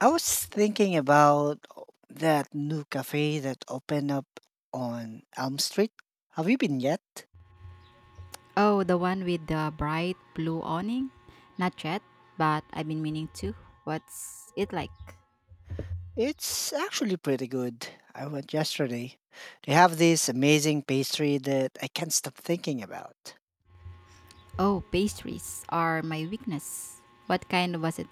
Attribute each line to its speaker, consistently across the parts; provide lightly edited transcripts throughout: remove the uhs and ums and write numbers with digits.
Speaker 1: I was thinking about that new cafe that opened up on Elm Street. Have you been yet?
Speaker 2: Oh, the one with the bright blue awning? Not yet, but I've been meaning to. What's it like?
Speaker 1: It's actually pretty good. I went yesterday. They have this amazing pastry that I can't stop thinking about.
Speaker 2: Oh, pastries are my weakness. What kind was it?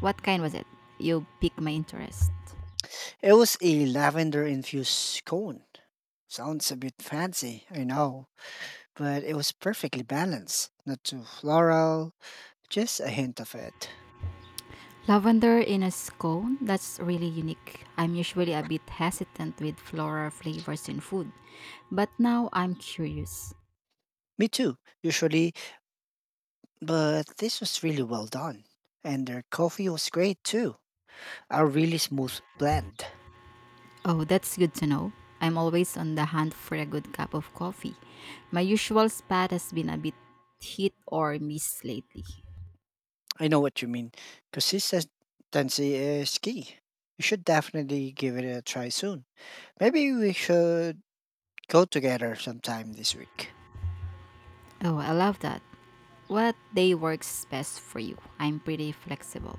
Speaker 2: What kind was it? You pique my interest.
Speaker 1: It was a lavender infused cone. Sounds a bit fancy, I know, but it was perfectly balanced. Not too floral, just a hint of it.
Speaker 2: Lavender in a scone? That's really unique. I'm usually a bit hesitant with floral flavors in food, but now I'm curious.
Speaker 1: Me too. Usually, but this was really well done. And their coffee was great too. A really smooth blend.
Speaker 2: Oh, that's good to know. I'm always on the hunt for a good cup of coffee. My usual spot has been a bit hit or miss lately.
Speaker 1: I know what you mean. Consistency is key. You should definitely give it a try soon. Maybe we should go together sometime this week.
Speaker 2: Oh, I love that. What day works best for you? I'm pretty flexible.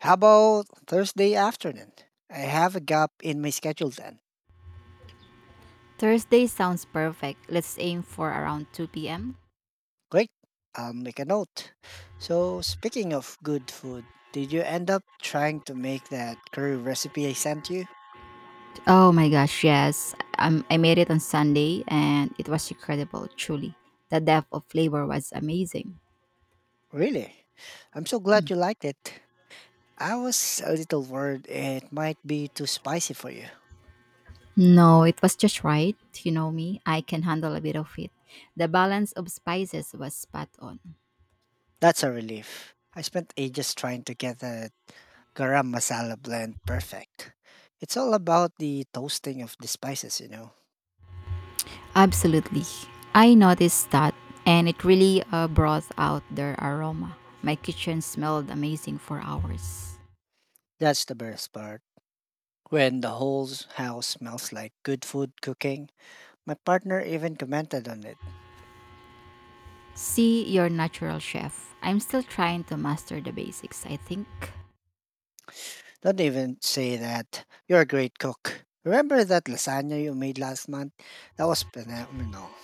Speaker 1: How about Thursday afternoon? I have a gap in my schedule then.
Speaker 2: Thursday sounds perfect. Let's aim for around 2 p.m.
Speaker 1: Great. I'll make a note. So, speaking of good food, did you end up trying to make that curry recipe I sent you?
Speaker 2: Oh my gosh, yes. I made it on Sunday and it was incredible, truly. The depth of flavor was amazing.
Speaker 1: Really? I'm so glad you liked it. I was a little worried it might be too spicy for you.
Speaker 2: No, it was just right. You know me, I can handle a bit of it. The balance of spices was spot on.
Speaker 1: That's a relief. I spent ages trying to get the garam masala blend perfect. It's all about the toasting of the spices, you know.
Speaker 2: Absolutely. I noticed that, and it really brought out their aroma. My kitchen smelled amazing for hours.
Speaker 1: That's the best part. When the whole house smells like good food cooking, my partner even commented on it.
Speaker 2: See your natural chef. I'm still trying to master the basics, I think.
Speaker 1: Don't even say that. You're a great cook. Remember that lasagna you made last month? That was phenomenal.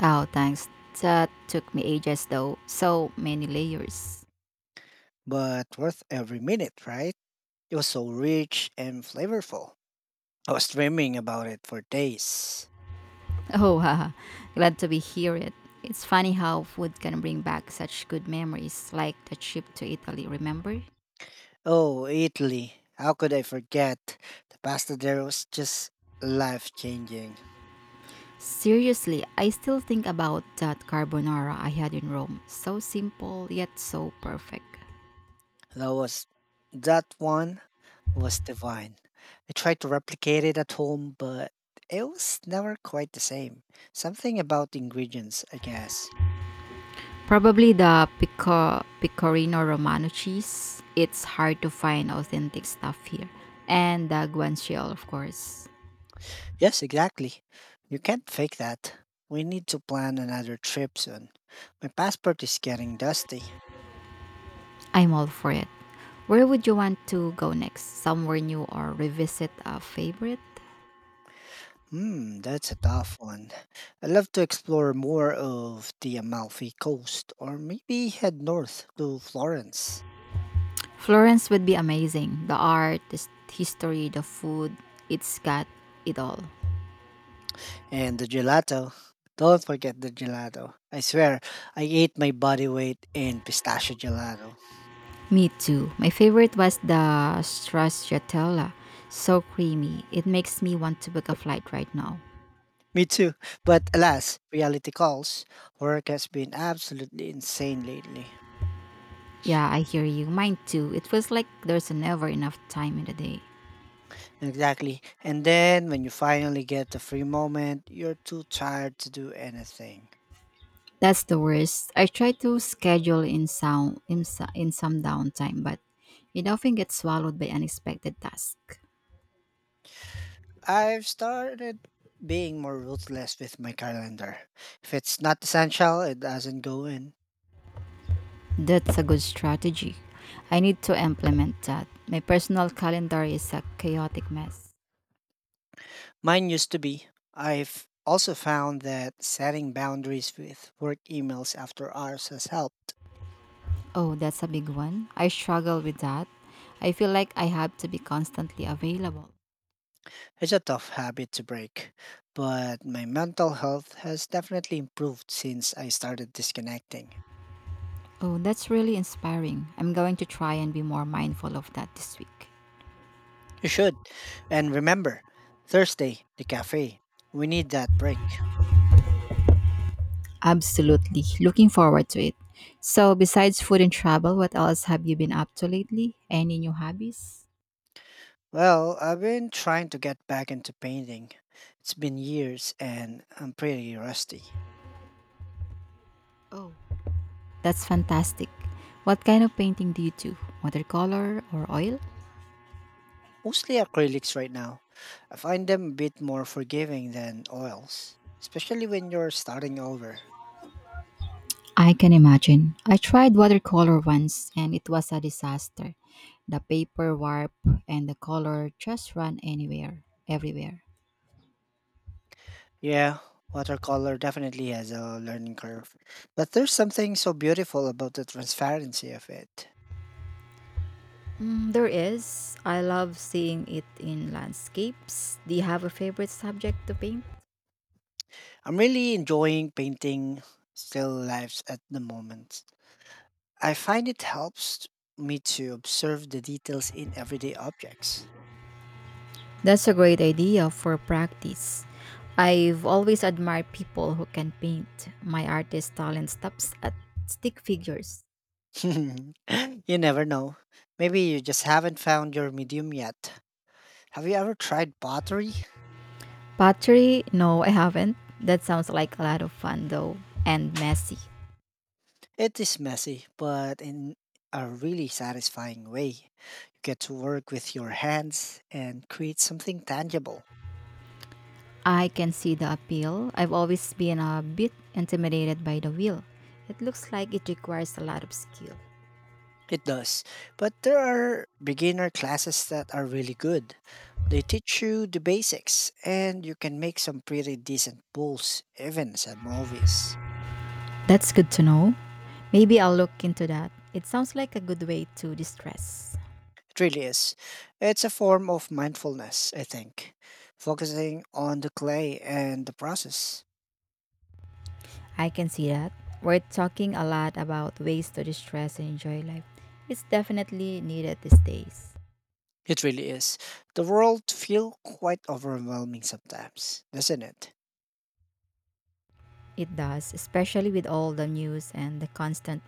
Speaker 2: Oh, thanks. That took me ages though. So many layers.
Speaker 1: But worth every minute, right? It was so rich and flavorful. I was dreaming about it for days.
Speaker 2: Oh, haha. Glad to be hear it. It's funny how food can bring back such good memories, like the trip to Italy, remember?
Speaker 1: Oh, Italy. How could I forget? The pasta there was just life changing.
Speaker 2: Seriously, I still think about that carbonara I had in Rome. So simple, yet so perfect.
Speaker 1: That was that one was divine. I tried to replicate it at home, but it was never quite the same. Something about the ingredients, I guess.
Speaker 2: Probably the pecorino romano cheese. It's hard to find authentic stuff here. And the guanciale, of course.
Speaker 1: Yes, exactly. You can't fake that. We need to plan another trip soon. My passport is getting dusty.
Speaker 2: I'm all for it. Where would you want to go next? Somewhere new or revisit a favorite?
Speaker 1: Hmm, that's a tough one. I'd love to explore more of the Amalfi Coast or maybe head north to Florence.
Speaker 2: Florence would be amazing. The art, the history, the food. It's got it all.
Speaker 1: And the gelato. Don't forget the gelato. I swear, I ate my body weight in pistachio gelato.
Speaker 2: Me too. My favorite was the stracciatella. So creamy. It makes me want to book a flight right now.
Speaker 1: Me too. But alas, reality calls. Work has been absolutely insane lately.
Speaker 2: Yeah, I hear you. Mine too. It feels like there's never enough time in the day.
Speaker 1: Exactly. And then when you finally get the free moment, you're too tired to do anything.
Speaker 2: That's the worst. I try to schedule in sound in, so- in some downtime, but it often gets swallowed by unexpected tasks.
Speaker 1: I've started being more ruthless with my calendar. If it's not essential, it doesn't go in.
Speaker 2: That's a good strategy. I need to implement that. My personal calendar is a chaotic mess.
Speaker 1: Mine used to be. I've also found that setting boundaries with work emails after hours has helped.
Speaker 2: Oh, that's a big one. I struggle with that. I feel like I have to be constantly available.
Speaker 1: It's a tough habit to break, but my mental health has definitely improved since I started disconnecting.
Speaker 2: Oh, that's really inspiring. I'm going to try and be more mindful of that this week.
Speaker 1: You should. And remember, Thursday, the cafe. We need that break.
Speaker 2: Absolutely. Looking forward to it. So, besides food and travel, what else have you been up to lately? Any new hobbies?
Speaker 1: Well, I've been trying to get back into painting. It's been years and I'm pretty rusty.
Speaker 2: Oh, that's fantastic. What kind of painting do you do? Watercolor or oil?
Speaker 1: Mostly acrylics right now. I find them a bit more forgiving than oils, especially when you're starting over.
Speaker 2: I can imagine. I tried watercolor once and it was a disaster. The paper warped and the color just ran anywhere, everywhere.
Speaker 1: Yeah, watercolor definitely has a learning curve, but there's something so beautiful about the transparency of it.
Speaker 2: Mm, there is. I love seeing it in landscapes. Do you have a favorite subject to paint?
Speaker 1: I'm really enjoying painting still lives at the moment. I find it helps me to observe the details in everyday objects.
Speaker 2: That's a great idea for practice. I've always admired people who can paint. My artist talent stops at stick figures.
Speaker 1: You never know. Maybe you just haven't found your medium yet. Have you ever tried pottery?
Speaker 2: Pottery? No, I haven't. That sounds like a lot of fun though, and messy.
Speaker 1: It is messy, but in a really satisfying way. You get to work with your hands and create something tangible.
Speaker 2: I can see the appeal. I've always been a bit intimidated by the wheel. It looks like it requires a lot of skill.
Speaker 1: It does. But there are beginner classes that are really good. They teach you the basics and you can make some pretty decent pulls, even some movies.
Speaker 2: That's good to know. Maybe I'll look into that. It sounds like a good way to distress.
Speaker 1: It really is. It's a form of mindfulness, I think, focusing on the clay and the process.
Speaker 2: I can see that. We're talking a lot about ways to distress and enjoy life. It's definitely needed these days.
Speaker 1: It really is. The world feel quite overwhelming sometimes, doesn't it?
Speaker 2: It does, especially with all the news and the constant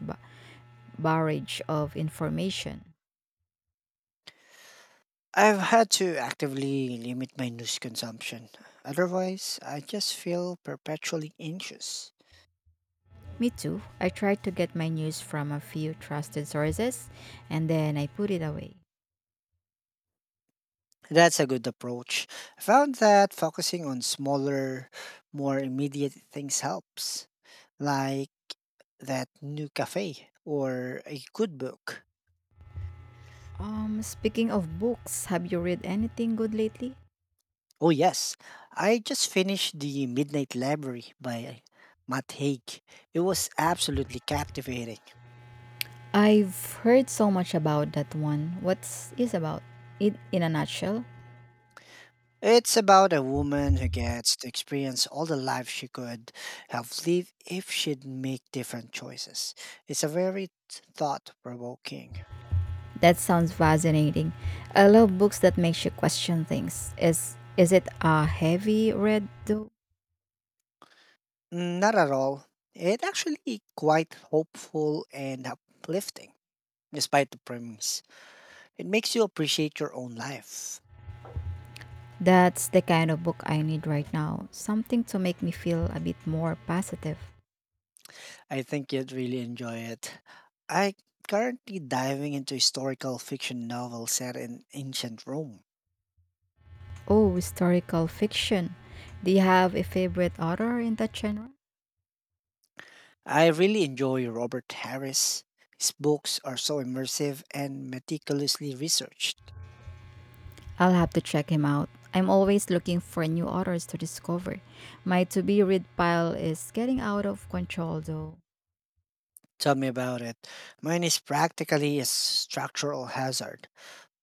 Speaker 2: barrage of information.
Speaker 1: I've had to actively limit my news consumption. Otherwise, I just feel perpetually anxious.
Speaker 2: Me too. I try to get my news from a few trusted sources and then I put it away.
Speaker 1: That's a good approach. I found that focusing on smaller, more immediate things helps, like that new cafe or a good book.
Speaker 2: Speaking of books, have you read anything good lately?
Speaker 1: Oh, yes, I just finished The Midnight Library by Matt Haig. It was absolutely captivating.
Speaker 2: I've heard so much about that one. What's is about? It in a nutshell?
Speaker 1: It's about a woman who gets to experience all the life she could have lived if she'd make different choices. It's a very thought provoking.
Speaker 2: That sounds fascinating. I love books that makes you question things. Is it a heavy read though?
Speaker 1: Mm, not at all. It actually quite hopeful and uplifting, despite the premise. It makes you appreciate your own life.
Speaker 2: That's the kind of book I need right now. Something to make me feel a bit more positive.
Speaker 1: I think you'd really enjoy it. I currently diving into historical fiction novel set in ancient Rome.
Speaker 2: Oh, historical fiction. Do you have a favorite author in that genre?
Speaker 1: I really enjoy Robert Harris. His books are so immersive and meticulously researched.
Speaker 2: I'll have to check him out. I'm always looking for new authors to discover. My to be read pile is getting out of control though.
Speaker 1: Tell me about it. Mine is practically a structural hazard,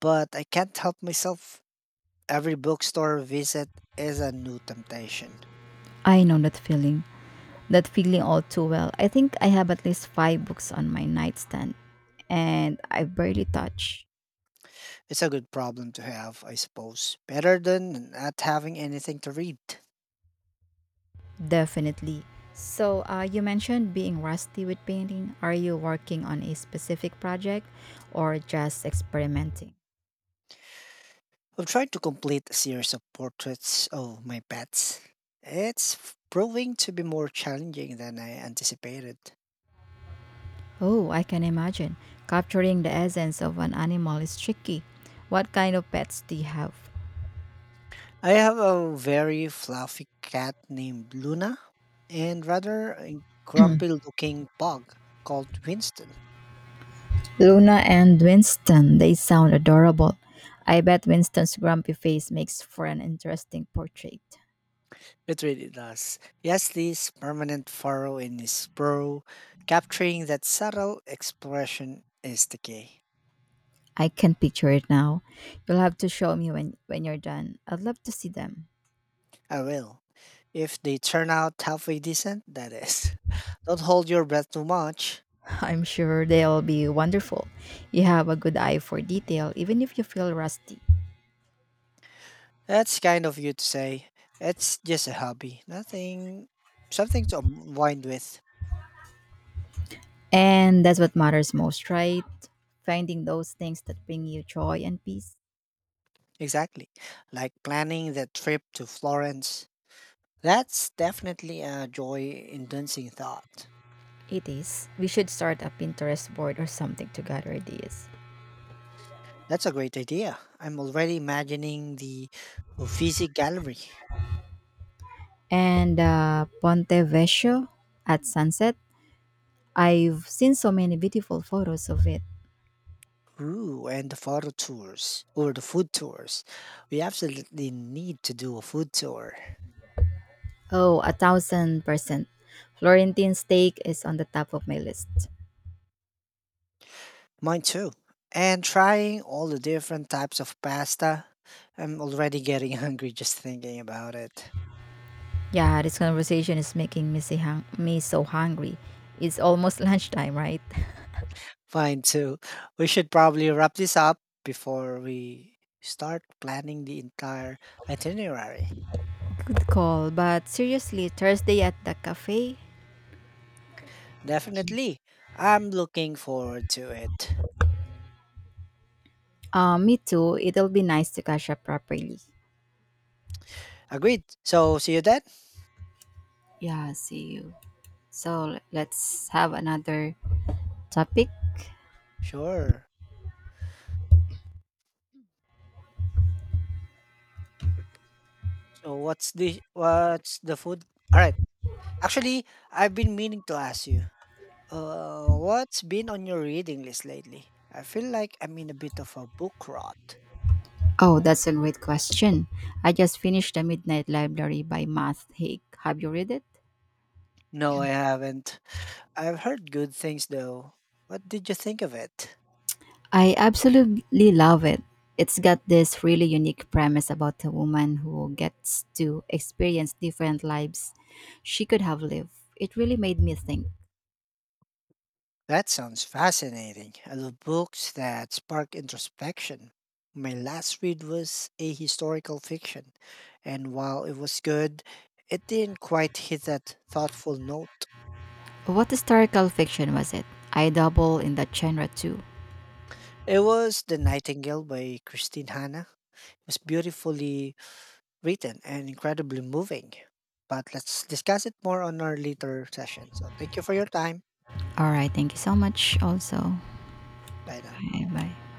Speaker 1: but I can't help myself. Every bookstore visit is a new temptation.
Speaker 2: I know that feeling all too well. I think I have at least five books on my nightstand and I barely touch.
Speaker 1: It's a good problem to have, I suppose. Better than not having anything to read.
Speaker 2: Definitely. So, you mentioned being rusty with painting. Are you working on a specific project or just experimenting?
Speaker 1: I've tried to complete a series of portraits of my pets. Proving to be more challenging than I anticipated.
Speaker 2: Oh, I can imagine. Capturing the essence of an animal is tricky. What kind of pets do you have?
Speaker 1: I have a very fluffy cat named Luna and rather a grumpy looking pug called Winston.
Speaker 2: Luna and Winston, they sound adorable. I bet Winston's grumpy face makes for an interesting portrait.
Speaker 1: It really does. Leslie's permanent furrow in his brow, capturing that subtle expression, is the key.
Speaker 2: I can picture it now. You'll have to show me when you're done. I'd love to see them.
Speaker 1: I will. If they turn out halfway decent, that is. Don't hold your breath too much.
Speaker 2: I'm sure they'll be wonderful. You have a good eye for detail, even if you feel rusty.
Speaker 1: That's kind of you to say. It's just a hobby. Nothing, something to unwind with.
Speaker 2: And that's what matters most, right? Finding those things that bring you joy and peace.
Speaker 1: Exactly. Like planning that trip to Florence. That's definitely a joy inducing thought.
Speaker 2: It is. We should start a Pinterest board or something to gather ideas.
Speaker 1: That's a great idea. I'm already imagining the Uffizi Gallery.
Speaker 2: And Ponte Vecchio at sunset. I've seen so many beautiful photos of it.
Speaker 1: Ooh, and the photo tours or the food tours. We absolutely need to do a food tour.
Speaker 2: Oh, a 1000%. Florentine steak is on the top of my list.
Speaker 1: Mine too. And trying all the different types of pasta. I'm already getting hungry just thinking about it.
Speaker 2: Yeah, this conversation is making me, me so hungry. It's almost lunchtime, right?
Speaker 1: Fine too. We should probably wrap this up before we start planning the entire itinerary.
Speaker 2: Good call, but seriously, Thursday at the cafe?
Speaker 1: Definitely. I'm looking forward to it.
Speaker 2: Me too. It'll be nice to catch up properly.
Speaker 1: Agreed. So see you then.
Speaker 2: Yeah, see you. So let's have another topic.
Speaker 1: Sure. So what's the food? All right. Actually, I've been meaning to ask you. What's been on your reading list lately? I feel like I'm in a bit of a book rot.
Speaker 2: Oh, that's a great question. I just finished The Midnight Library by Matt Haig. Have you read it?
Speaker 1: No, I haven't. I've heard good things though. What did you think of it?
Speaker 2: I absolutely love it. It's got this really unique premise about a woman who gets to experience different lives she could have lived. It really made me think.
Speaker 1: That sounds fascinating. I love books that spark introspection. My last read was a historical fiction, and while it was good, it didn't quite hit that thoughtful note.
Speaker 2: What historical fiction was it? I double in that genre too.
Speaker 1: It was The Nightingale by Christine Hanna. It was beautifully written and incredibly moving. But let's discuss it more on our later session. So thank you for your time.
Speaker 2: All right, thank you so much also.
Speaker 1: Bye now.
Speaker 2: Bye bye.